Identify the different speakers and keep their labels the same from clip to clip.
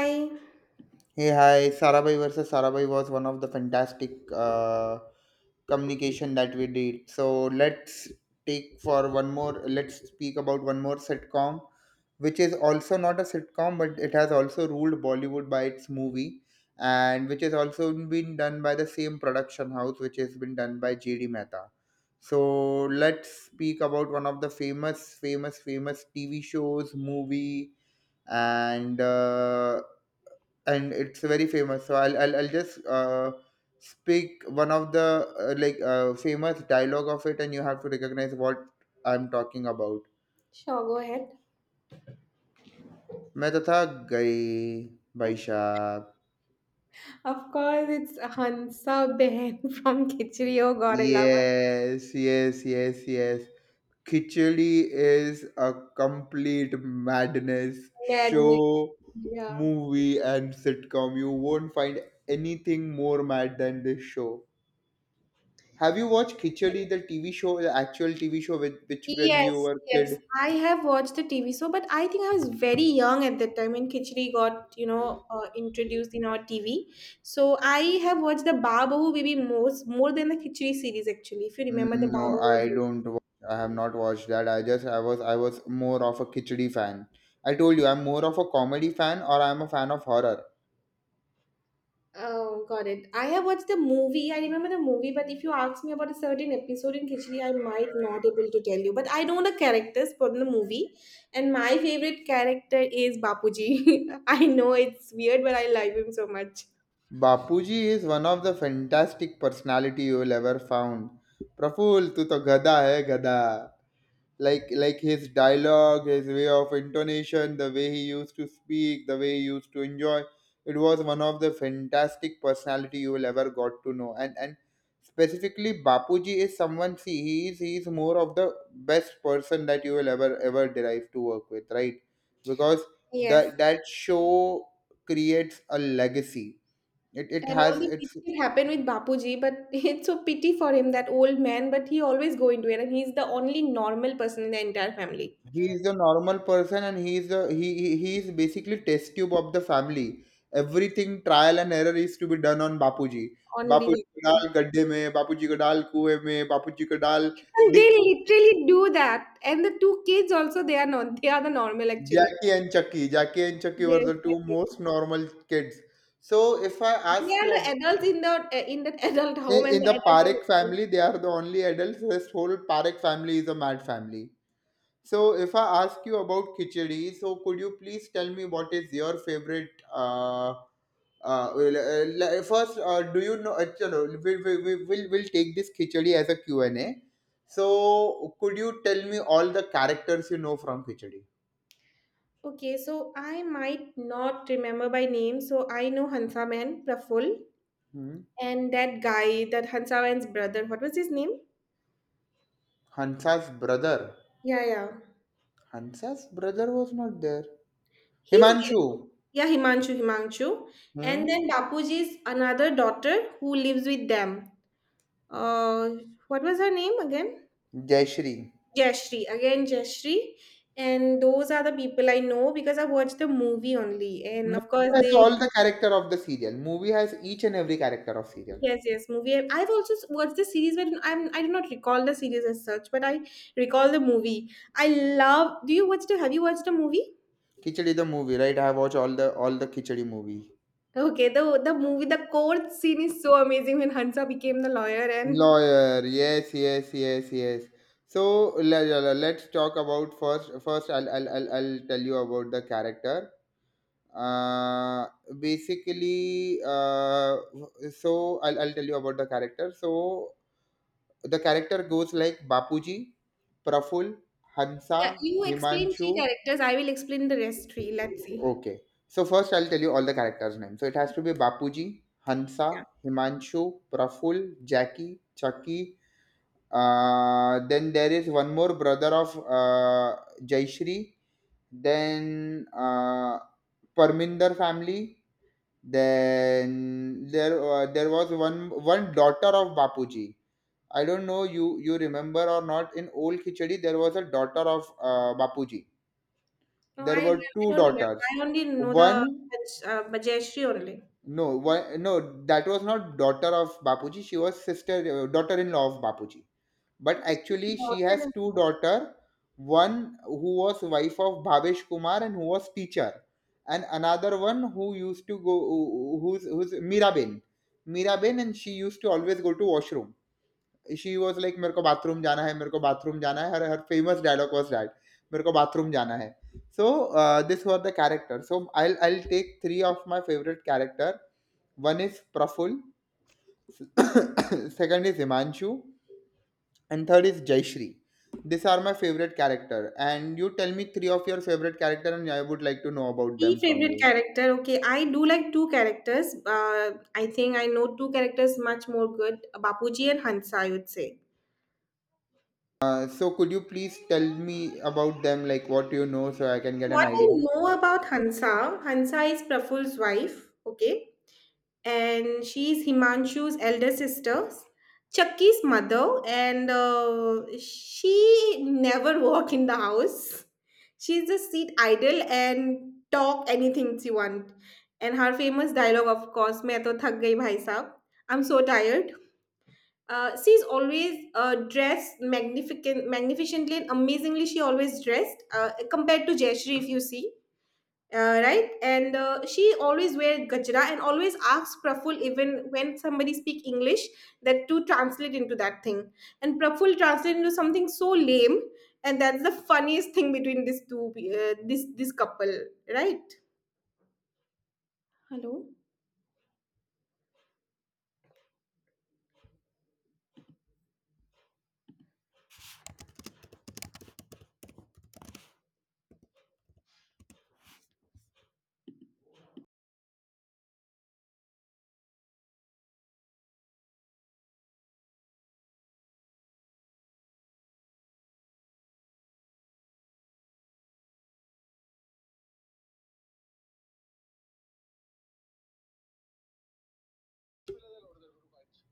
Speaker 1: Hi.
Speaker 2: Hey, hi. Sarabhai versus Sarabhai was one of the fantastic communication that we did. So let's take for one more. Let's speak about one more sitcom, which is also not a sitcom, but it has also ruled Bollywood by its movie, and which has also been done by the same production house, which has been done by J.D. Mehta. So let's speak about one of the famous, famous, famous TV shows, movie, and. Uh, and it's very famous. So I'll just speak one of the like famous dialogue of it, and you have to recognize what I'm talking about.
Speaker 1: Sure, go ahead.
Speaker 2: मैं तो थक गई भाई साहब.
Speaker 1: Of course, it's Hansa Ben from Kichrio Gorilla.
Speaker 2: Yes, yes, yes, yes. Khichdi is a complete madness
Speaker 1: Madness.
Speaker 2: show,
Speaker 1: Yeah.
Speaker 2: movie, and sitcom. You won't find anything more mad than this show. Have you watched Khichdi, the TV show, the actual TV show, with which when
Speaker 1: Yes,
Speaker 2: we were
Speaker 1: yes.
Speaker 2: kid?
Speaker 1: I have watched the TV show, but I think I was very young at that time when Khichdi got, introduced in our TV. So I have watched the Babahu Baby most more than the Khichdi series actually. If you remember the
Speaker 2: Mm,
Speaker 1: Mhm.
Speaker 2: no, I
Speaker 1: Babahu.
Speaker 2: don't. I have not watched that. I just I was more of a Khichdi fan. I told you I'm more of a comedy fan or I'm a fan of horror.
Speaker 1: Oh, got it. I have watched the movie. I remember the movie, but if you ask me about a certain episode in Khichdi, I might not able to tell you. But I know the characters from the movie, and my favorite character is Bapuji. I know it's weird, but I love him so much.
Speaker 2: Bapuji is one of the fantastic personality you will ever found. Praful, tu to gada hai gada. Like his dialogue, his way of intonation, the way he used to speak, the way he used to enjoy, it was one of the fantastic personality you will ever got to know. And specifically, Bapuji is someone, see, he is more of the best person that you will ever ever derive to work with, right? Because
Speaker 1: Yes.
Speaker 2: that show creates a legacy. It
Speaker 1: And all
Speaker 2: has
Speaker 1: the
Speaker 2: its.
Speaker 1: things happened with Bapuji, but it's so pity for him, that old man, but he always go into it, and he's the only normal person in the entire family.
Speaker 2: He is a normal person and he is a, he is basically test tube of the family. Everything trial and error is to be done on Bapuji.
Speaker 1: Only
Speaker 2: Bapuji को
Speaker 1: Bapuji.
Speaker 2: dal गड्ढे में, Bapuji को dal कुएं में, Bapuji को dal.
Speaker 1: And they
Speaker 2: Dick,
Speaker 1: literally do that. And the two kids also, they are not, they are the normal actually.
Speaker 2: Jackie and Chucky. Jackie and Chucky were
Speaker 1: Yes,
Speaker 2: the
Speaker 1: yes,
Speaker 2: two
Speaker 1: yes.
Speaker 2: most normal kids. So if I
Speaker 1: We
Speaker 2: ask
Speaker 1: are
Speaker 2: you,
Speaker 1: the adults in the in that adult
Speaker 2: in,
Speaker 1: home and
Speaker 2: in the
Speaker 1: the adult
Speaker 2: Parekh
Speaker 1: are
Speaker 2: family,
Speaker 1: listening.
Speaker 2: they are the only adults. This whole Parekh family is a mad family. So, if I ask you about khichdi, so could you please tell me what is your favorite? Well, first, do you know? Chalo, we'll take this khichdi as a Q and a. So, could you tell me all the characters you know from khichdi?
Speaker 1: Okay, so I might not remember by name. So I know Hansa Man, Praful,
Speaker 2: Hmm?
Speaker 1: and that guy, that Hansa Man's brother. What was his name?
Speaker 2: Hansa's brother.
Speaker 1: Yeah, yeah.
Speaker 2: Hansa's brother was not there.
Speaker 1: He's there.
Speaker 2: Himanshu.
Speaker 1: Yeah, Himanshu, Himanshu. And
Speaker 2: Hmm?
Speaker 1: then Bapuji's another daughter who lives with them. Uh, what was her name again?
Speaker 2: Jayashree.
Speaker 1: Jashri. Again, Jashri. And those are the people I know because I watched the movie only. And
Speaker 2: Movie
Speaker 1: of course,
Speaker 2: has
Speaker 1: they.
Speaker 2: all the character of the serial. Movie has each and every character of serial.
Speaker 1: Yes, yes, movie. I've also watched the series, but I do not recall the series as such, but I recall the movie. I love. Do you watch the? Have you watched the movie?
Speaker 2: Khichdi the movie, right? I have watched all the Khichdi movie.
Speaker 1: Okay, the movie, the court scene is so amazing when Hansa became the lawyer, and
Speaker 2: Lawyer, yes, yes, yes, yes. So let's talk about first. First, I'll tell you about the character. Uh, Basically, so I'll tell you about the character. So the character goes like Bapuji, Praful,
Speaker 1: yeah,
Speaker 2: Hansa,
Speaker 1: you explain
Speaker 2: Himanshu.
Speaker 1: three characters. I will explain the rest three. Let's see.
Speaker 2: Okay. So first I'll tell you all the characters' names. So it has to be Bapuji,
Speaker 1: Yeah.
Speaker 2: Hansa, Himanshu, Praful, Jackie, Chucky. Then there is one more brother of Jaishri. Then Parminder family. Then there was one daughter of Bapuji. I don't know you remember or not. In old Khichdi there was a daughter of Bapuji.
Speaker 1: No,
Speaker 2: There
Speaker 1: I
Speaker 2: were two
Speaker 1: don't remember.
Speaker 2: daughters.
Speaker 1: I only know the
Speaker 2: One.
Speaker 1: Jayashree only.
Speaker 2: No, why, no, that was not daughter of Bapuji. She was sister, daughter-in-law of Bapuji. But
Speaker 1: Okay, she's
Speaker 2: actually, she has
Speaker 1: important.
Speaker 2: two daughter. One who was wife of Bhavesh Kumar and who was teacher, and another one who used to go, who's Miraben, and she used to always go to washroom. She was like मेरे को bathroom जाना है, मेरे को bathroom जाना है, हर हर फेमस डायलॉग वाज़ दैट मेरे को बाथरूम जाना है। So this was the character so I will take 3 of my favourite character, 1 is Praful, 2nd is Himanshu and 3rd is Jayshree. These are my favorite character and you tell me 3 of your favorite character and I would like to know about
Speaker 1: Three
Speaker 2: them from
Speaker 1: favorite
Speaker 2: you.
Speaker 1: character. Okay, I do like two characters. I think I know two characters much more good. Bapuji and Hansa, I would say.
Speaker 2: So could you please tell me about them like what you know so I can get an
Speaker 1: What I
Speaker 2: idea?
Speaker 1: know about Hansa, Hansa is Praful's wife, okay, and she is Himanshu's elder sister, Chucky's mother, and she never walk in the house. She's just sit idle and talk anything she want. And her famous dialogue, of course, "मैं तो थक गई भाई साहब." I'm so tired. She's always dressed magnificent, magnificently and amazingly. She always dressed compared to Jayashree, if you see, right? And she always wear gajra and always asks Praful even when somebody speak English that to translate into that thing. And Praful translate into something so lame, and that's the funniest thing between these two, this couple, right? Hello.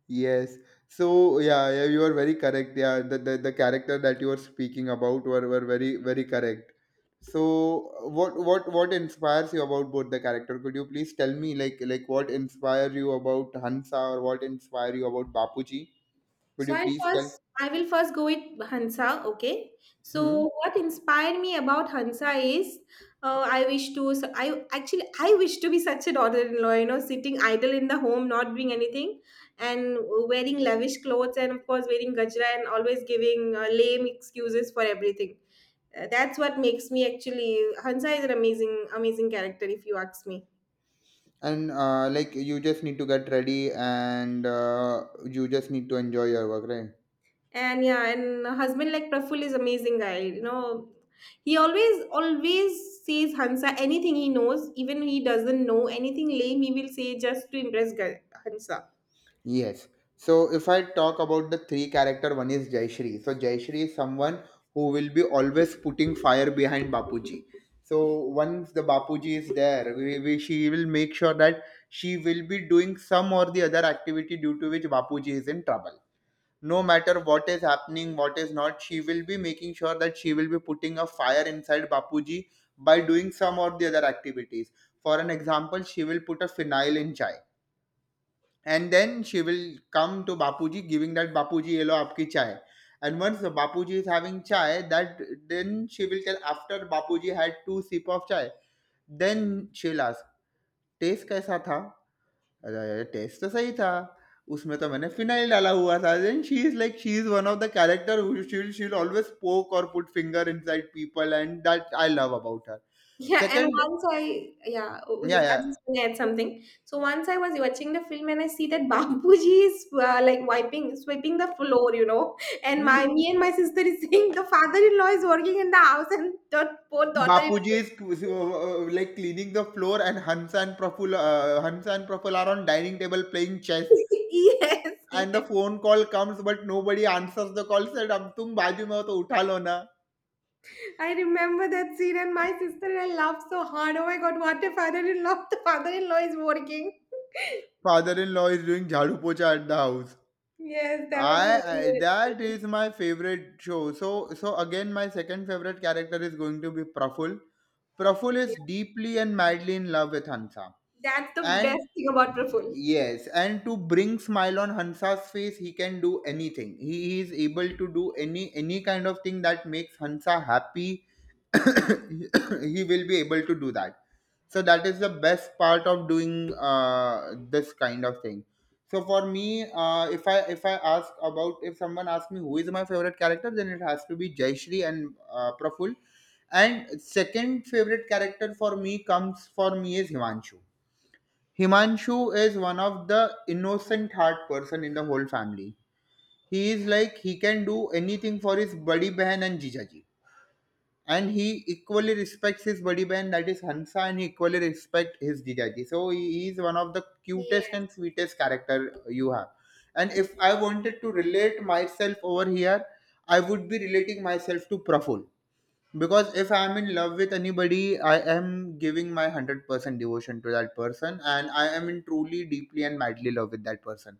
Speaker 2: Yes. So yeah, yeah, you are very correct. Yeah, the character that you are speaking about were very very correct. So what inspires you about both the character? Could you please tell me like what inspire you about Hansa or what inspire you about Bapuji? Could
Speaker 1: So
Speaker 2: you
Speaker 1: I'll
Speaker 2: please
Speaker 1: first
Speaker 2: tell?
Speaker 1: I will first go with Hansa, okay?
Speaker 2: Hmm?
Speaker 1: So what inspired me about Hansa is I wish to so I actually I wish to be such a daughter-in-law, you know, sitting idle in the home, not doing anything, and wearing lavish clothes, and of course wearing gajra, and always giving lame excuses for everything. That's what makes me actually Hansa is an amazing amazing character, if you ask me.
Speaker 2: And like you just need to get ready and you just need to enjoy your work, right?
Speaker 1: And yeah, and husband like Praful is amazing guy, you know, he always always says Hansa anything he knows, even he doesn't know anything lame he will say just to impress Hansa.
Speaker 2: Yes. So if I talk about the three character, one is Jayashree. So Jayashree is someone who will be always putting fire behind Bapuji. So once the Bapuji is there, she will make sure that she will be doing some or the other activity due to which Bapuji is in trouble. No matter what is happening, what is not, she will be making sure that she will be putting a fire inside Bapuji by doing some or the other activities. For an example, she will put a phenyl in chai. And then she will come to Bapuji, giving that Bapuji yellow aapki chai. And once the Bapuji is having chai, that then she will tell after Bapuji had two sip of chai, then she'll ask, taste कैसा था? अरे test तो सही था। उसमें तो मैंने phenyl डाला हुआ था। Then she is like she is one of the character who she'll always poke or put finger inside people and that I love about her.
Speaker 1: Yeah, and
Speaker 2: Second,
Speaker 1: once I yeah, oh, was
Speaker 2: yeah,
Speaker 1: I just
Speaker 2: yeah.
Speaker 1: want to add something. So once I was watching the film and I see that Babuji is like wiping sweeping the floor, you know, and
Speaker 2: Hmm.
Speaker 1: my me and my sister is saying the father-in-law is working in the house and the poor
Speaker 2: Bapuji
Speaker 1: daughter-in-law.
Speaker 2: is like cleaning the floor, and Hansa and Praful are on dining table playing chess.
Speaker 1: Yes,
Speaker 2: And the
Speaker 1: yes.
Speaker 2: phone call comes, but nobody answers the call. Said, "अब तुम बाजू में हो तो उठा lo na."
Speaker 1: I remember that scene, and my sister and I laughed so hard. Oh my god, what a father-in-law! The father-in-law is working.
Speaker 2: Father-in-law is doing jhadu pocha at the house.
Speaker 1: Yes, that was a
Speaker 2: I,
Speaker 1: really
Speaker 2: that
Speaker 1: good-.
Speaker 2: is my favorite show. So again, my second favorite character is going to be Praful. Praful is deeply and madly in love with Hansa.
Speaker 1: That's the
Speaker 2: And.
Speaker 1: best thing about Praful.
Speaker 2: Yes, and to bring smile on Hansa's face, he can do anything. He is able to do any kind of thing that makes Hansa happy. He will be able to do that. So that is the best part of doing this kind of thing. So for me, if I ask about if someone asks me who is my favorite character, then it has to be Jayshree and Praful. And second favorite character for me comes for me is Himanshu. Himanshu is one of the innocent heart person in the whole family. He is like he can do anything for his buddy behan and jijaji. And he equally respects his buddy behan that is Hansa and he equally respects his jijaji. So he is one of the cutest
Speaker 1: Yeah,
Speaker 2: and sweetest character you have. And if I wanted to relate myself over here, I would be relating myself to Praful, because if I'm in love with anybody, I am giving my 100% devotion to that person, and I am in truly deeply and madly love with that person.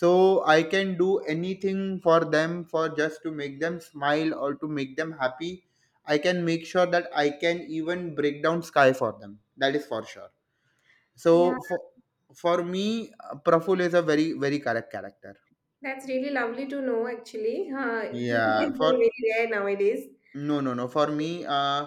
Speaker 2: So I can do anything for them, for just to make them smile or to make them happy. I can make sure that I can even break down sky for them, that is for sure. So
Speaker 1: yeah.
Speaker 2: for me, Praful is a very very correct character.
Speaker 1: That's really lovely to know. Actually, people like
Speaker 2: Yeah,
Speaker 1: you are
Speaker 2: for.
Speaker 1: very rare nowadays.
Speaker 2: No, no, no. For me, uh,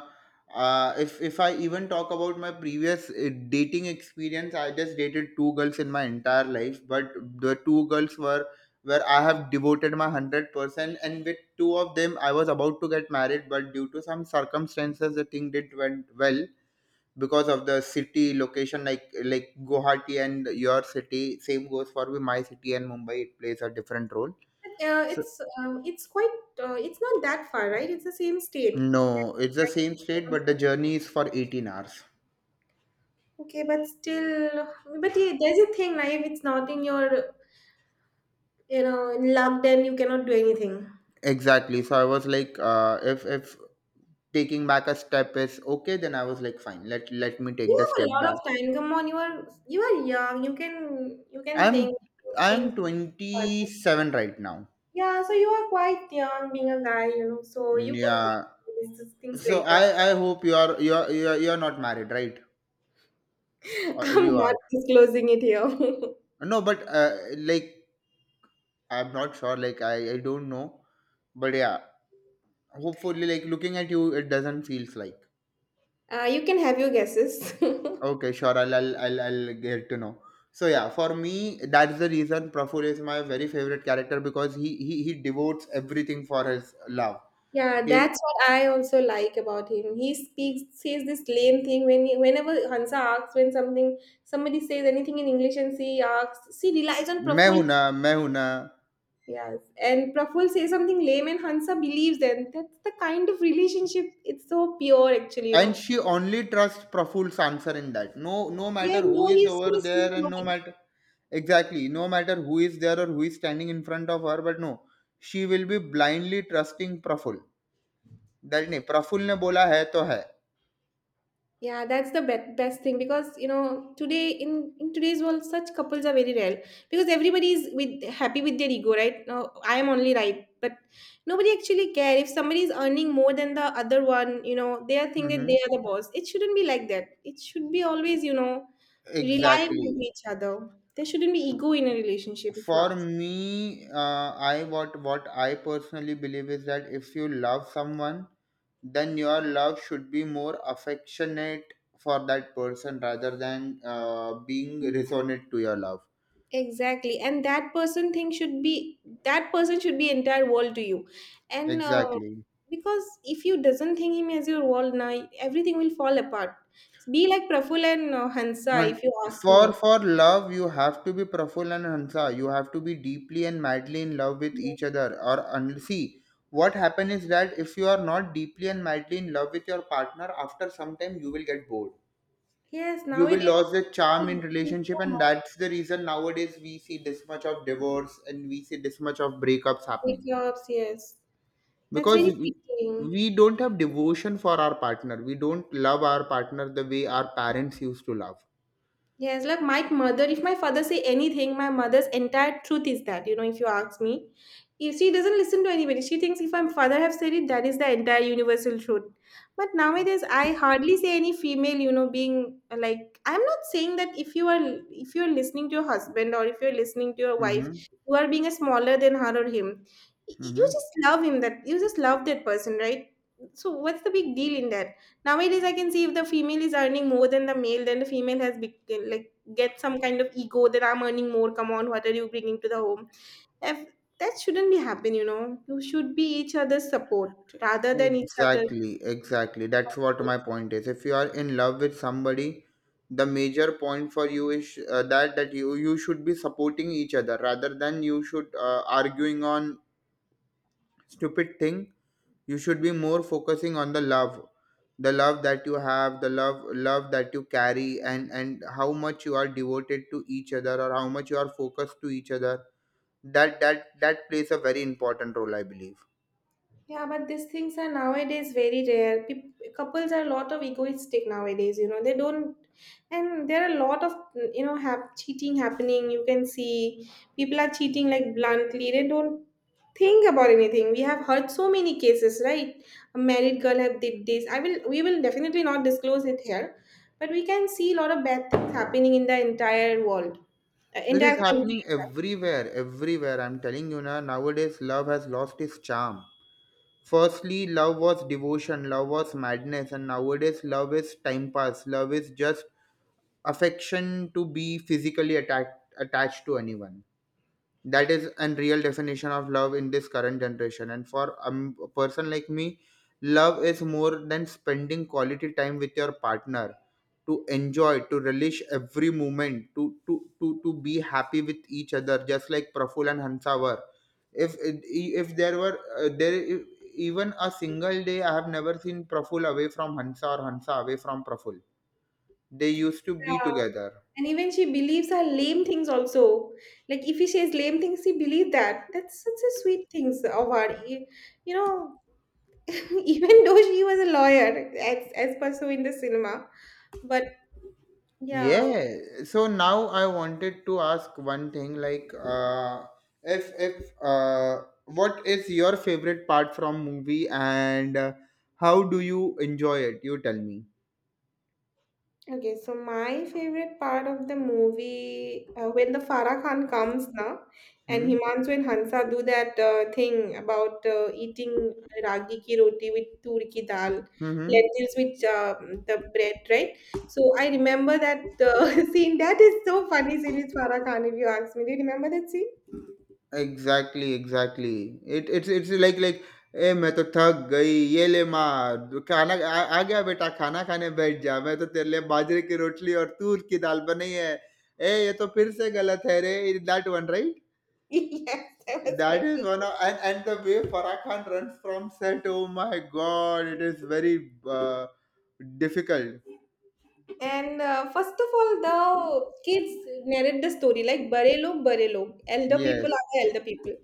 Speaker 2: uh, if I even talk about my previous dating experience, I just dated two girls in my entire life, but the two girls were where I have devoted my 100%, and with two of them, I was about to get married, but due to some circumstances, the thing did went well because of the city location, like Guwahati and your city. Same goes for my city and Mumbai. It plays a different role.
Speaker 1: But,
Speaker 2: So
Speaker 1: it's quite it's not that far, right? It's the same state.
Speaker 2: no, it's the same state, but the journey is for 18 hours.
Speaker 1: Okay, but still, but yeah, there's a thing like if it's not in your. You know, in lockdown you cannot do anything.
Speaker 2: Exactly. So I was like, if taking back a step is okay, then I was like, fine. Let me
Speaker 1: You
Speaker 2: take the
Speaker 1: have a
Speaker 2: step
Speaker 1: lot of
Speaker 2: back.
Speaker 1: time. Come on, you are young. You can
Speaker 2: I'm
Speaker 1: think
Speaker 2: I'm
Speaker 1: further.
Speaker 2: 27 right now.
Speaker 1: Yeah, so you are quite young, being a guy, you know. So
Speaker 2: Mm,
Speaker 1: you can
Speaker 2: yeah.
Speaker 1: think these things
Speaker 2: So
Speaker 1: later.
Speaker 2: I hope you are not married, right?
Speaker 1: I'm
Speaker 2: You
Speaker 1: not
Speaker 2: are.
Speaker 1: disclosing it here.
Speaker 2: No, but like I'm not sure. Like I don't know, but yeah. Hopefully, like looking at you, it doesn't feels like.
Speaker 1: You can have your guesses.
Speaker 2: Okay, sure. I'll get to know. So yeah, for me, that's the reason Praful is my very favorite character because he devotes everything for his love.
Speaker 1: Yeah,
Speaker 2: He'll,
Speaker 1: that's what I also like about him. He speaks, says this lame thing when he, whenever Hansa asks when something somebody says anything in English and she asks, she relies on
Speaker 2: मैं
Speaker 1: profound.
Speaker 2: हूं ना मैं हूं ना.
Speaker 1: Yes, and Praful says something lame, and Hansa believes them. That's the kind of relationship. It's so pure, actually. You
Speaker 2: And
Speaker 1: know.
Speaker 2: she only trusts Praful's answer in that. No, no
Speaker 1: Yeah,
Speaker 2: matter who
Speaker 1: no,
Speaker 2: is
Speaker 1: he's still
Speaker 2: over
Speaker 1: a
Speaker 2: there
Speaker 1: seasonal.
Speaker 2: and no matter, exactly, no matter who is there or who is standing in front of her, but no, she will be blindly trusting Praful. That नहीं प्रफुल ने बोला है तो है।
Speaker 1: Yeah, that's the best thing because you know today in today's world such couples are very rare because everybody is with happy with their ego, right? No, I am only right, but nobody actually care if somebody is earning more than the other one. You know, they are think that they
Speaker 2: hmm.
Speaker 1: are the boss. It shouldn't be like that. It should be always, you know, relying
Speaker 2: exactly.
Speaker 1: on each other. There shouldn't be ego in a relationship, if you
Speaker 2: For
Speaker 1: ask.
Speaker 2: me, I what I personally believe is that if you love someone, then your love should be more affectionate for that person rather than being resonant to your love.
Speaker 1: Exactly, and that person thing should be that person should be entire world to you, and.
Speaker 2: Exactly.
Speaker 1: Because if you doesn't think him as your wall now everything will fall apart, be like Praful and Hansa if
Speaker 2: And
Speaker 1: you ask me.
Speaker 2: for love you have to be Praful and Hansa. You have to be deeply and madly in love with each other. Or and see what happen is that if you are not deeply and madly in love with your partner, after some time you will get bored.
Speaker 1: Yes,
Speaker 2: You will
Speaker 1: nowadays
Speaker 2: lose the
Speaker 1: uh,
Speaker 2: charm in relationship,
Speaker 1: so
Speaker 2: and
Speaker 1: much
Speaker 2: that's the reason nowadays we see this much of divorce and we see this much of breakups happening,
Speaker 1: breakups, yes, that's
Speaker 2: because
Speaker 1: very
Speaker 2: we,
Speaker 1: fitting.
Speaker 2: we don't have devotion for our partner. We don't love our partner the way our parents used to love.
Speaker 1: Yes, like my mother, if my father say anything, my mother's entire truth is that, you know, if you ask me. If she doesn't listen to anybody, she thinks if my father have said it, that is the entire universal truth. But nowadays I hardly see any female, you know, being like I'm not saying that if you are if you're listening to your husband or if you're listening to your wife,
Speaker 2: Mm-hmm.
Speaker 1: you are being a smaller than her or him. You
Speaker 2: Mm-hmm.
Speaker 1: just love him that you just love that person, right? So what's the big deal in that? Nowadays I can see if the female is earning more than the male then the female has like get some kind of ego that I'm earning more, come on, what are you bringing to the home if, that shouldn't be happen, you know, you should be each other's support rather than each
Speaker 2: Exactly, exactly. That's what my
Speaker 1: other's.
Speaker 2: point is. If you are in love with somebody, the major point for you is that you should be supporting each other rather than you should arguing on stupid thing. You should be more focusing on the love, the love that you have, the love that you carry, and how much you are devoted to each other or how much you are focused to each other. That plays a very important role, I believe.
Speaker 1: Yeah, but these things are nowadays very rare. Peop Couples are a lot of egoistic nowadays, you know. They don't, and there are a lot of, you know, hap cheating happening. You can see people are cheating like bluntly. They don't think about anything. We have heard so many cases, right? A married girl have did this. I will, we will definitely not disclose it here, but we can see a lot of bad things happening in the entire world,
Speaker 2: It is
Speaker 1: entire country.
Speaker 2: happening everywhere, everywhere, I'm telling you. Nowadays love has lost its charm. Firstly love was devotion, love was madness, and nowadays love is time pass, love is just affection, to be physically attached to anyone. That is a real definition of love in this current generation, and for a person like me, love is more than spending quality time with your partner, to enjoy, to relish every moment, to be happy with each other, just like Praful and Hansa were. If there were even a single day I have never seen Praful away from Hansa or Hansa away from Praful. They used to be
Speaker 1: Yeah.
Speaker 2: together.
Speaker 1: And even she believes her lame things also. Like if he says lame things, she believes that. That's such a sweet things of her. You know, even though she was a lawyer, as per so in the cinema, but yeah.
Speaker 2: Yeah. So now I wanted to ask one thing, like, if what is your favorite part from movie, and how do you enjoy it? You tell me.
Speaker 1: Okay, so my favorite part of the movie when the Farah Khan comes now, and
Speaker 2: Hmm.
Speaker 1: Himanshu and Hansa do that thing about eating ragi ki roti with tur ki dal,
Speaker 2: Hmm.
Speaker 1: lentils with the bread, right? So I remember that scene. That is so funny scene with Farah Khan. If you ask me, do you remember that scene?
Speaker 2: Exactly. Exactly. It's like. ए मैं तो थक गई ये ले माँ दो- खाना आ, आ गया बेटा खाना खाने बैठ जा मैं तो तेरे लिए बाजरे की रोटली और तूर की दाल बनी है। ए ये तो फिर से गलत है रे that one.
Speaker 1: Yes, that was my
Speaker 2: That is one
Speaker 1: favorite.
Speaker 2: of, and the way Farah Khan runs from set. Oh my God, it is very difficult.
Speaker 1: And first of all, the kids narrate the story like Barelo, Barelo. Elder people
Speaker 2: Yes,
Speaker 1: are the elder people.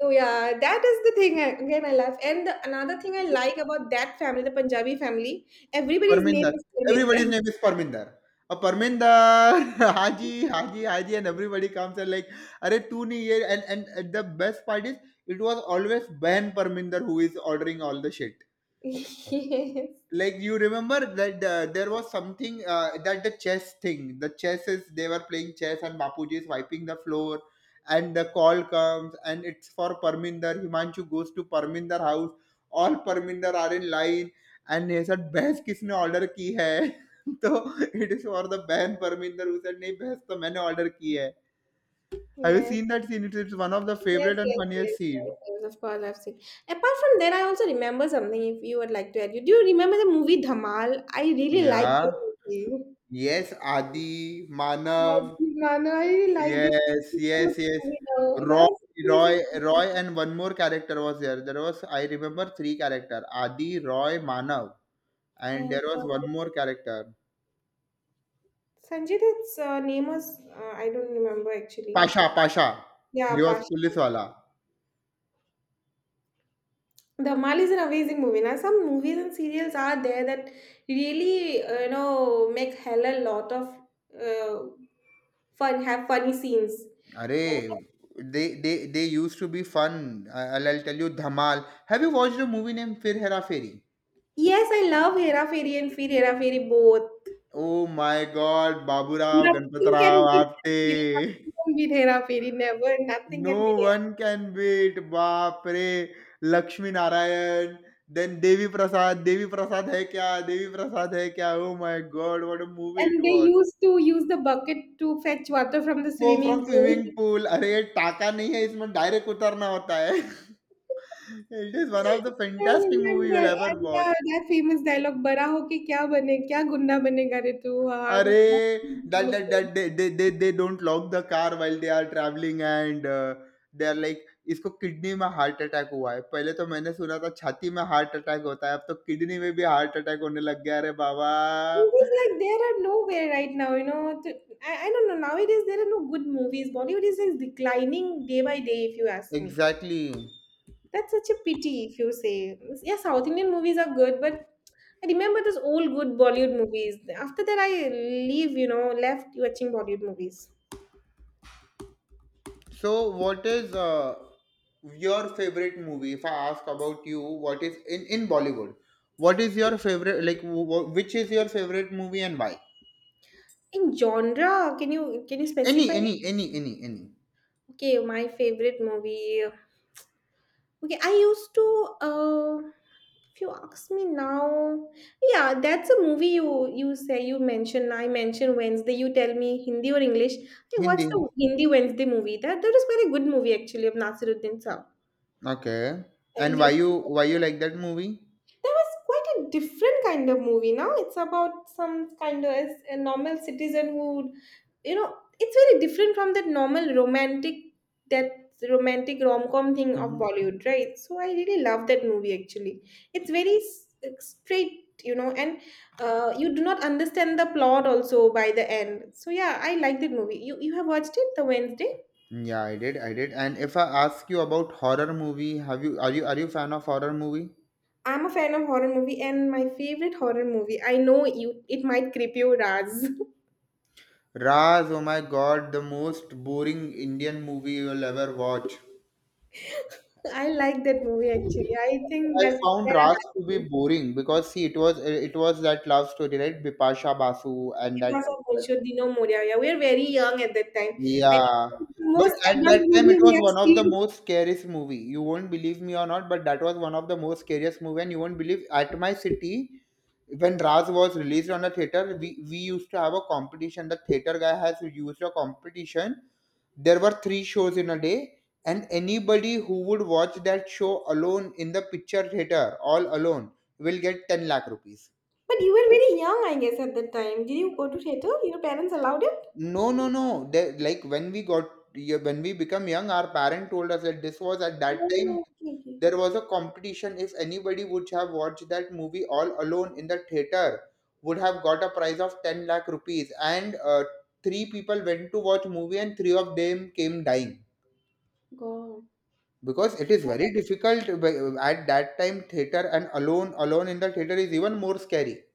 Speaker 1: So yeah, that is the thing again I love. And the, another thing I like about that family, the Punjabi family, everybody's name
Speaker 2: Parminder.
Speaker 1: is
Speaker 2: Everybody's
Speaker 1: Parminder.
Speaker 2: name is Parminder. A Parminder, Haji, Haji, Haji, and everybody comes and like, "Arey tu nahi ye?" And the best part is, it was always Ben Parminder who is ordering all the shit.
Speaker 1: Yes.
Speaker 2: Like, you remember that there was something, that the chess thing, the chess is they were playing chess, and Bapuji is wiping the floor, and the call comes, and it's for Parminder. Himanshu goes to Parminder house. All Parminder are in line, and he said बहस किसने order की है। तो it is for the बहन Parminder, who said नहीं बहस तो मैंने order की है। Have you
Speaker 1: Yes.
Speaker 2: seen that scene? It's one of the
Speaker 1: Yes,
Speaker 2: favorite and
Speaker 1: yes,
Speaker 2: funniest
Speaker 1: yes, yes,
Speaker 2: scene.
Speaker 1: yes, of course I've seen. Apart from that, I also remember something if you would like to add. Do you remember the movie Dhamal? I really like
Speaker 2: Yeah.
Speaker 1: the movie.
Speaker 2: Yes, Adi,
Speaker 1: I
Speaker 2: Manav.
Speaker 1: did, man. I really liked it. Thank
Speaker 2: Yes,
Speaker 1: you so much
Speaker 2: yes,
Speaker 1: for
Speaker 2: yes.
Speaker 1: coming out. That
Speaker 2: Roy,
Speaker 1: was
Speaker 2: Roy,
Speaker 1: amazing.
Speaker 2: Roy, and one more character was there. There was, I remember, three character: Adi, Roy, Manav, and
Speaker 1: And
Speaker 2: there was one more character.
Speaker 1: Sanjita's name was, I don't remember actually.
Speaker 2: Pasha, Pasha. He
Speaker 1: Yeah,
Speaker 2: was
Speaker 1: Pasha.
Speaker 2: police wala.
Speaker 1: The Mal is an amazing movie. Now, some movies and serials are there that really, you know, make hell a lot of uh, fun, have funny scenes. Uh,
Speaker 2: Arey, they used to be fun. I'll tell you, Dhamal. Have you watched a movie named Fir Hera Feri?
Speaker 1: yes, I love Hera Fairy and Fear Hera Fairy both.
Speaker 2: Oh my God, Baburao,
Speaker 1: Nothing
Speaker 2: Ganpatarao,
Speaker 1: can beat Hera Fairy.
Speaker 2: Aapte.
Speaker 1: Nothing can beat Hera Fairy. Never. Nothing
Speaker 2: no
Speaker 1: can beat.
Speaker 2: One can beat बाप रे! Lakshmi Narayan, then Devi Prasad है क्या? देवी प्रसाद है क्या? Oh my god! What a movie it
Speaker 1: And they
Speaker 2: was!
Speaker 1: used to use the bucket to fetch water from the
Speaker 2: वो from
Speaker 1: swimming pool.
Speaker 2: Swimming pool अरे ये टाका नहीं है इसमें डायरेक्ट उतरना होता है। It is one of the
Speaker 1: I
Speaker 2: fantastic movie you
Speaker 1: remember,
Speaker 2: will ever
Speaker 1: and
Speaker 2: watch.
Speaker 1: that famous dialogue, "बड़ा होके क्या बने, क्या गुंडा बनेगा रे तू, हार
Speaker 2: अरे dot
Speaker 1: become a
Speaker 2: dot dot
Speaker 1: good."
Speaker 2: दे दे दे दे don't lock the car while they are travelling, and they are like इसको किडनी में हार्ट अटैक हुआ है पहले तो मैंने सुना था छाती में हार्ट अटैक होता है अब तो किडनी में भी हार्ट अटैक होने लग गया है अरे बाबा।
Speaker 1: Movies like there are nowhere right now. I don't know. Nowadays there are no good movies. Bollywood is like declining day by day, if you ask me.
Speaker 2: Exactly.
Speaker 1: That's such a pity if you say. Yeah, South Indian movies are good, but I remember those old good Bollywood movies. After that, I left watching Bollywood movies.
Speaker 2: So what is your favorite movie, if I ask about you? What is in Bollywood, what is your favorite? Like, which is your favorite movie, and why?
Speaker 1: In genre, can you
Speaker 2: Any,
Speaker 1: specify?
Speaker 2: any, any, any, any.
Speaker 1: Okay, my favorite movie. Okay, I used to. If you ask me now, yeah, that's a movie you say you mention. I mention Wednesday. You tell me Hindi or English. I watched
Speaker 2: Hindi.
Speaker 1: the Hindi Wednesday movie. That is very good movie actually of Nasiruddin Saab.
Speaker 2: Okay.
Speaker 1: And
Speaker 2: And why
Speaker 1: do-
Speaker 2: you why you like that movie?
Speaker 1: That was quite a different kind of movie. Now it's about some kind of as a normal citizen who, would- you know, It's very different from that normal romantic that romantic rom com thing of
Speaker 2: Hmm.
Speaker 1: Bollywood, right? So I really love that movie. Actually, it's very straight and you do not understand the plot also by the end. So yeah, I like that movie. You have watched it the Wednesday?
Speaker 2: Yeah, I did. I did. And if I ask you about horror movie, have you are you are you fan of horror movie?
Speaker 1: I'm a fan of horror movie, and my favorite horror movie. I know you. It might creep you, Raz.
Speaker 2: Raz, oh my God, the most boring Indian movie you'll ever watch.
Speaker 1: I like that movie actually. I think
Speaker 2: I
Speaker 1: that's
Speaker 2: found
Speaker 1: where it
Speaker 2: Raz to be
Speaker 1: happened.
Speaker 2: boring because, see, it was that love story, right? Bipasha Basu and
Speaker 1: It
Speaker 2: that.
Speaker 1: was a Bolshodino Moria. Yeah, we were very young at that time. I think
Speaker 2: Yeah.
Speaker 1: it's the
Speaker 2: But
Speaker 1: most
Speaker 2: at
Speaker 1: advanced
Speaker 2: that time, it
Speaker 1: movie we
Speaker 2: was
Speaker 1: have
Speaker 2: one of the
Speaker 1: seen.
Speaker 2: most scariest movie. You won't believe me or not, but that was one of the most scariest movie. And you won't believe, at my city, when Raz was released on the theater, we used to have a competition. The theater guy has used a competition. There were three shows in a day, and anybody who would watch that show alone in the picture theater, all alone, will get 10 lakh rupees.
Speaker 1: But you were very young, I guess, at that time. Did you go to theater? Your parents allowed it?
Speaker 2: No, no, no. They, like, when we got, yeah, when we become young, our parent told us that this was at that time
Speaker 1: Oh, okay, okay.
Speaker 2: there was a competition. If anybody would have watched that movie all alone in the theater, would have got a prize of 10 lakh rupees. And three people went to watch movie, and three of them came dying,
Speaker 1: God.
Speaker 2: because it is very difficult at that time theater, and alone alone in the theater is even more scary.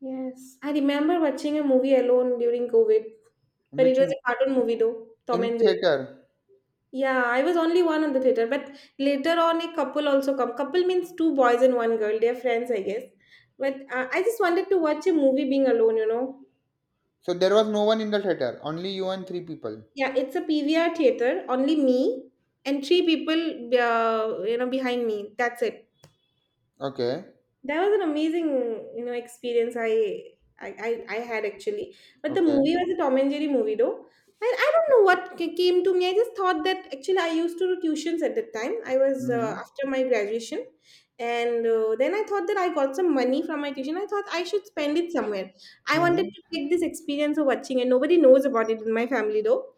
Speaker 1: Yes. I remember watching a movie alone during COVID. But it
Speaker 2: Which
Speaker 1: was a
Speaker 2: mo-
Speaker 1: cartoon movie though. Tom
Speaker 2: in
Speaker 1: and Jerry.
Speaker 2: theater?
Speaker 1: Yeah, I was only one on the theater, but later on a couple also come. Couple means two boys and one girl. They're friends, I guess. But I just wanted to watch a movie being alone.
Speaker 2: So there was no one in the theater, only you and three people.
Speaker 1: Yeah, it's a PVR theater, only me and three people, behind me. That's it.
Speaker 2: Okay.
Speaker 1: That was an amazing, experience I had actually. But the
Speaker 2: Okay.
Speaker 1: movie was a Tom and Jerry movie though. And I don't know what came to me. I just thought that actually I used to do tuitions at that time. I was
Speaker 2: Mm-hmm.
Speaker 1: after my graduation. And then I thought that I got some money from my tuition. I thought I should spend it somewhere. I wanted
Speaker 2: Mm-hmm.
Speaker 1: to take this experience of watching and nobody knows about it in my family though.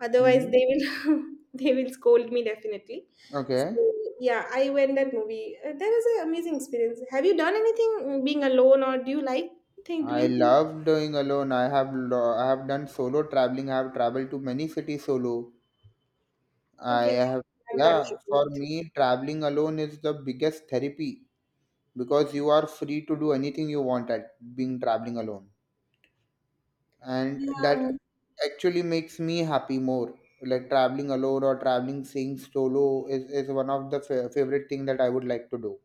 Speaker 1: Otherwise,
Speaker 2: Mm-hmm.
Speaker 1: they will they will scold me definitely.
Speaker 2: Okay.
Speaker 1: So yeah, I went that movie. That was an amazing experience. Have you done anything being alone, or do you like think
Speaker 2: I
Speaker 1: doing things?
Speaker 2: love doing alone. I have done solo traveling. I have traveled to many cities solo. I
Speaker 1: Okay, I
Speaker 2: have
Speaker 1: have done
Speaker 2: Yeah, for
Speaker 1: it.
Speaker 2: me, traveling alone is the biggest therapy, because you are free to do anything you want at being traveling alone. And
Speaker 1: Yeah.
Speaker 2: that actually makes me happy more. Like traveling alone, or traveling, seeing solo is one of the favorite thing that I would like to do.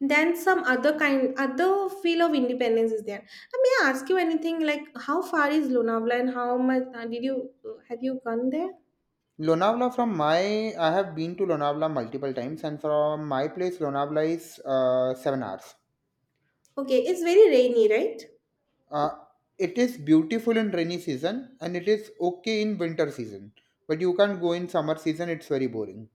Speaker 1: Then some other kind, other feel of independence is there. May I ask you anything? Like, how far is Lonavala, and how much did you have you gone there?
Speaker 2: Lonavala, from my I have been to Lonavala multiple times, and from my place Lonavala is 7 hours.
Speaker 1: Okay, it's very rainy, right?
Speaker 2: Uh, it is beautiful in rainy season and it is okay in winter season. But you can't go in summer season, it's very boring.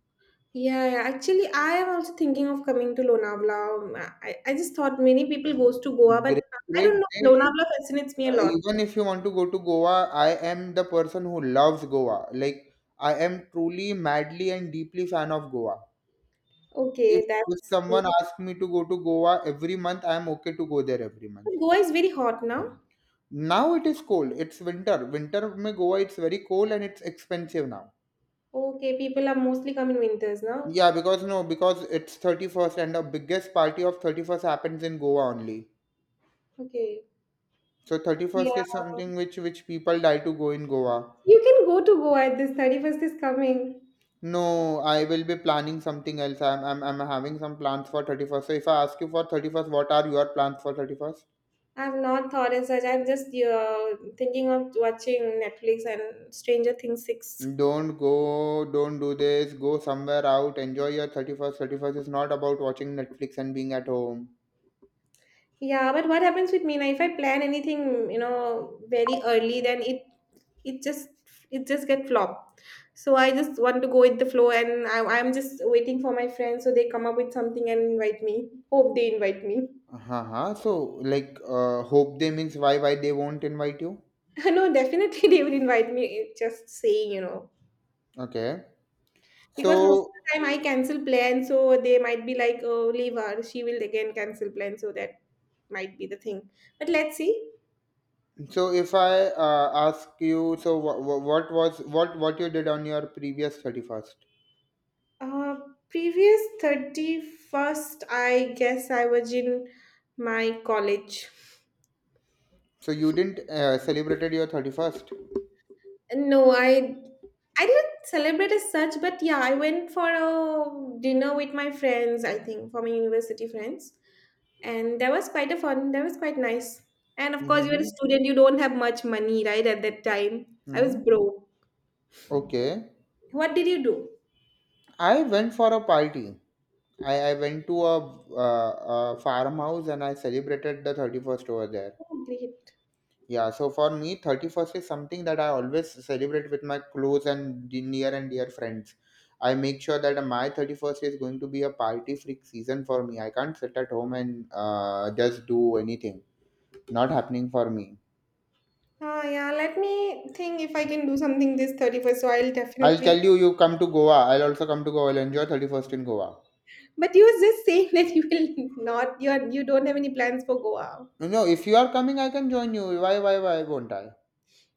Speaker 1: Yeah, yeah. Actually, I am also thinking of coming to Lonavala. I just thought many people goes to Goa, but
Speaker 2: Great,
Speaker 1: I
Speaker 2: great,
Speaker 1: don't know.
Speaker 2: great.
Speaker 1: Lonavala fascinates me a lot.
Speaker 2: Even if you want to go to Goa, I am the person who loves Goa. Like, I am truly, madly and deeply fan of Goa. If,
Speaker 1: Okay,
Speaker 2: if
Speaker 1: that's
Speaker 2: someone
Speaker 1: great.
Speaker 2: asks me to go to Goa every month, I am okay to go there every month.
Speaker 1: But Goa is very hot now.
Speaker 2: Now it is cold. It's winter. Winter में Goa it's very cold, and it's expensive now.
Speaker 1: Okay, people are mostly coming winters now.
Speaker 2: Yeah, because no, because it's 31st, and the biggest party of 31st happens in Goa only.
Speaker 1: Okay.
Speaker 2: So 31st is
Speaker 1: Yeah.
Speaker 2: something which people die to go in Goa.
Speaker 1: You can go to Goa at this 31st is coming.
Speaker 2: No, I will be planning something else. I'm having some plans for 31st. So if I ask you for 31st, what are your plans for 31st?
Speaker 1: I've not thought as such. I'm just thinking of watching Netflix and Stranger Things 6.
Speaker 2: Don't go, don't do this, go somewhere out, enjoy your 31st. 31st is not about watching Netflix and being at home.
Speaker 1: Yeah, but what happens with me now, if I plan anything, you know, very early, then it just it just get flop. So I just want to go with the flow, and I'm just waiting for my friends so they come up with something and invite me. Hope they invite me.
Speaker 2: Uh-huh. So, like, hope they means, why they won't invite you?
Speaker 1: No, definitely they will invite me. Just saying,
Speaker 2: Okay.
Speaker 1: because most of
Speaker 2: So
Speaker 1: the time I cancel plans, so they might be like, "Oh, leave her. She will again cancel plans." So that might be the thing. But let's see.
Speaker 2: so if I ask you, so what was what you did on your previous 31st?
Speaker 1: Uh, Previous 31st, I guess I was in my college.
Speaker 2: So you didn't celebrated your 31st?
Speaker 1: No, I didn't celebrate as such, but yeah, I went for a dinner with my friends, I think, for my university friends. And that was quite a fun, that was quite nice. And of course, you're a
Speaker 2: Mm-hmm.
Speaker 1: student, you don't have much money, right, at that time. I was
Speaker 2: Mm-hmm.
Speaker 1: broke.
Speaker 2: Okay.
Speaker 1: What did you do?
Speaker 2: I went for a party. I went to a farmhouse, and I celebrated the 31st over there.
Speaker 1: Oh, great.
Speaker 2: Yeah, so for me, 31st is something that I always celebrate with my close and near and dear friends. I make sure that my 31st is going to be a party freak season for me. I can't sit at home and just do anything. Not happening for me.
Speaker 1: Yeah, let me think if I can do something this 31st, so I'll
Speaker 2: I'll
Speaker 1: definitely.
Speaker 2: tell you, you come to Goa. I'll also come to Goa. I'll enjoy 31st in Goa.
Speaker 1: But you were just saying that you will not you are you don't have any plans for Goa.
Speaker 2: No, if you are coming, I can join you. Why won't I?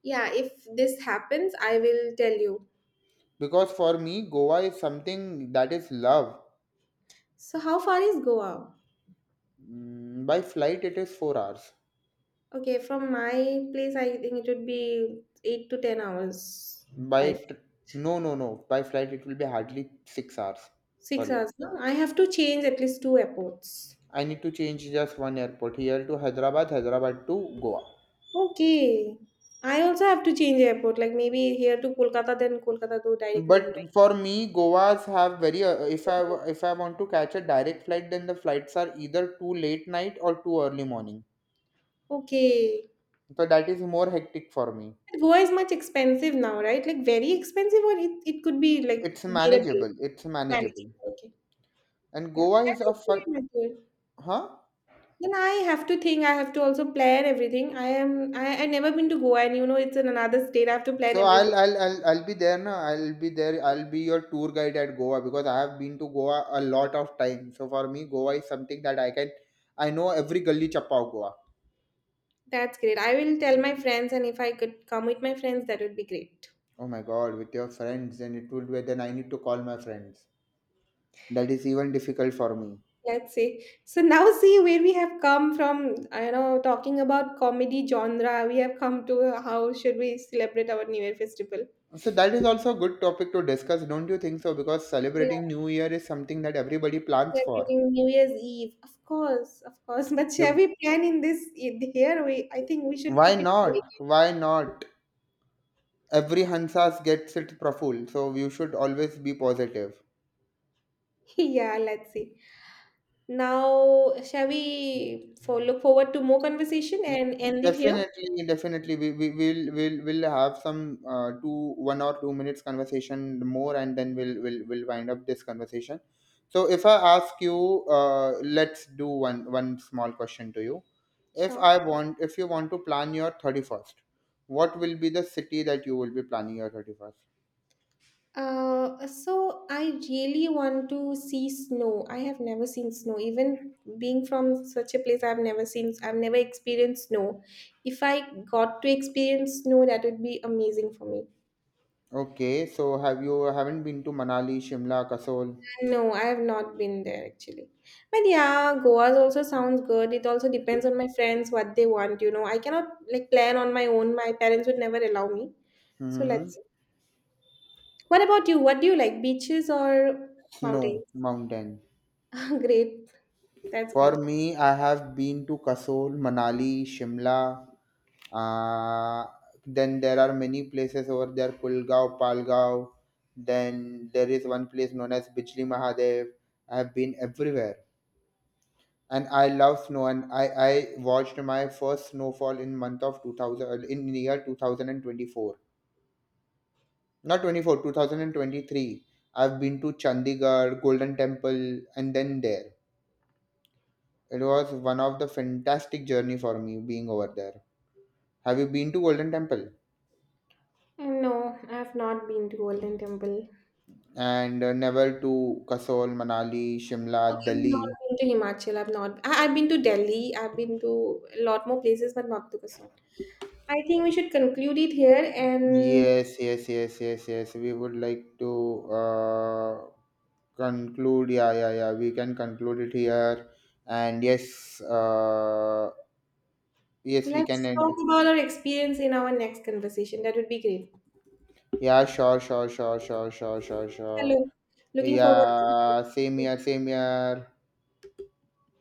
Speaker 1: Yeah, if this happens, I will tell you.
Speaker 2: Because for me, Goa is something that is love.
Speaker 1: So how far is Goa?
Speaker 2: By flight, it is 4 hours.
Speaker 1: Okay, from my place I think it would be 8 to 10 hours.
Speaker 2: By
Speaker 1: Five
Speaker 2: t- no, no, no. By flight, it will be hardly 6 hours
Speaker 1: six
Speaker 2: for you.
Speaker 1: hours. No, I have to change at least two airports.
Speaker 2: I need to change just one airport, here to Hyderabad, Hyderabad to Goa.
Speaker 1: Okay. I also have to change airport, like maybe here to Kolkata, then Kolkata to direct Mumbai.
Speaker 2: But for me, Goa's have very. If I want to catch a direct flight, then the flights are either too late night or too early morning.
Speaker 1: Okay.
Speaker 2: So that is more hectic for me.
Speaker 1: But Goa is much expensive now, right? Like very expensive or it could be like
Speaker 2: It's
Speaker 1: bearable.
Speaker 2: manageable. It's
Speaker 1: Managing.
Speaker 2: manageable.
Speaker 1: Okay.
Speaker 2: And
Speaker 1: Yeah.
Speaker 2: Goa
Speaker 1: That
Speaker 2: is
Speaker 1: is
Speaker 2: a fun,
Speaker 1: very mature.
Speaker 2: huh?
Speaker 1: Then I have to think. I have to also plan everything. I am. I never been to Goa, and you know it's in another state. I have to plan
Speaker 2: So
Speaker 1: everything.
Speaker 2: I'll be there now. I'll be there. I'll be your tour guide at Goa, because I have been to Goa a lot of time. So for me, Goa is something that I know every gully chappa of Goa.
Speaker 1: That's great. I will tell my friends, and if I could come with my friends, that would be great.
Speaker 2: Oh my God, with your friends, then it would be, then I need to call my friends. That is even difficult for me.
Speaker 1: Let's see. So now see where we have come from. I know, talking about comedy genre, we have come to how should we celebrate our New Year festival.
Speaker 2: So that is also a good topic to discuss, don't you think so? Because
Speaker 1: Yeah,
Speaker 2: celebrating New Year is something that everybody plans for.
Speaker 1: celebrating New Year's Eve, of course, of course. But shall
Speaker 2: The-
Speaker 1: we plan in this in here? We I think we should keep
Speaker 2: Why
Speaker 1: it.
Speaker 2: not? Why not? Every Hansas gets it Proful, so you should always be positive.
Speaker 1: Yeah, let's see. Now, shall we for look forward to more conversation
Speaker 2: Ye-
Speaker 1: and end it here?
Speaker 2: Definitely, definitely. We will have some two 1 or 2 minutes conversation more, and then we'll will wind up this conversation. So, if I ask you, let's do one small question to you. If
Speaker 1: Sure.
Speaker 2: I want, if you want to plan your 31st, what will be the city that you will be planning your 31st?
Speaker 1: So I really want to see snow. I have never seen snow. Even being from such a place, I've never experienced snow. If I got to experience snow, that would be amazing for me.
Speaker 2: Okay, so haven't been to Manali, Shimla, Kasol?
Speaker 1: No, I have not been there actually. But yeah, Goa's also sounds good. It also depends on my friends what they want. I cannot like plan on my own. My parents would never allow me. So
Speaker 2: Mm-hmm.
Speaker 1: let's see. What about you? What do you like? Beaches or mountains?
Speaker 2: Snow, mountain.
Speaker 1: Great. That's
Speaker 2: For
Speaker 1: great.
Speaker 2: me, I have been to Kasol, Manali, Shimla. Uh, then there are many places over there, Pulgaon, Palgaon. Then there is one place known as Bijli Mahadev. I have been everywhere. And I love snow, and I watched my first snowfall in month of 2000 in year 2024. Not 24, 2023. I've been to Chandigarh, Golden Temple, and then there. It was one of the fantastic journey for me being over there. Have you been to Golden Temple?
Speaker 1: No, I have not been to Golden Temple.
Speaker 2: And never to Kasol, Manali,
Speaker 1: Oh,
Speaker 2: Shimla,
Speaker 1: I've not
Speaker 2: Delhi.
Speaker 1: been to Himachal. I've not. I've been to Delhi. I've been to a lot more places, but not to Kasol. I think we should conclude it here, and
Speaker 2: Yes, yes, yes, yes, yes. We would like to conclude. Yeah, yeah, yeah. We can conclude it here. And yes, yes, we can
Speaker 1: let's talk
Speaker 2: end.
Speaker 1: about our experience in our next conversation. That would be great.
Speaker 2: Yeah, sure, sure, sure, sure, sure, sure, sure.
Speaker 1: Hello. Looking forward to
Speaker 2: Yeah, same here, same here.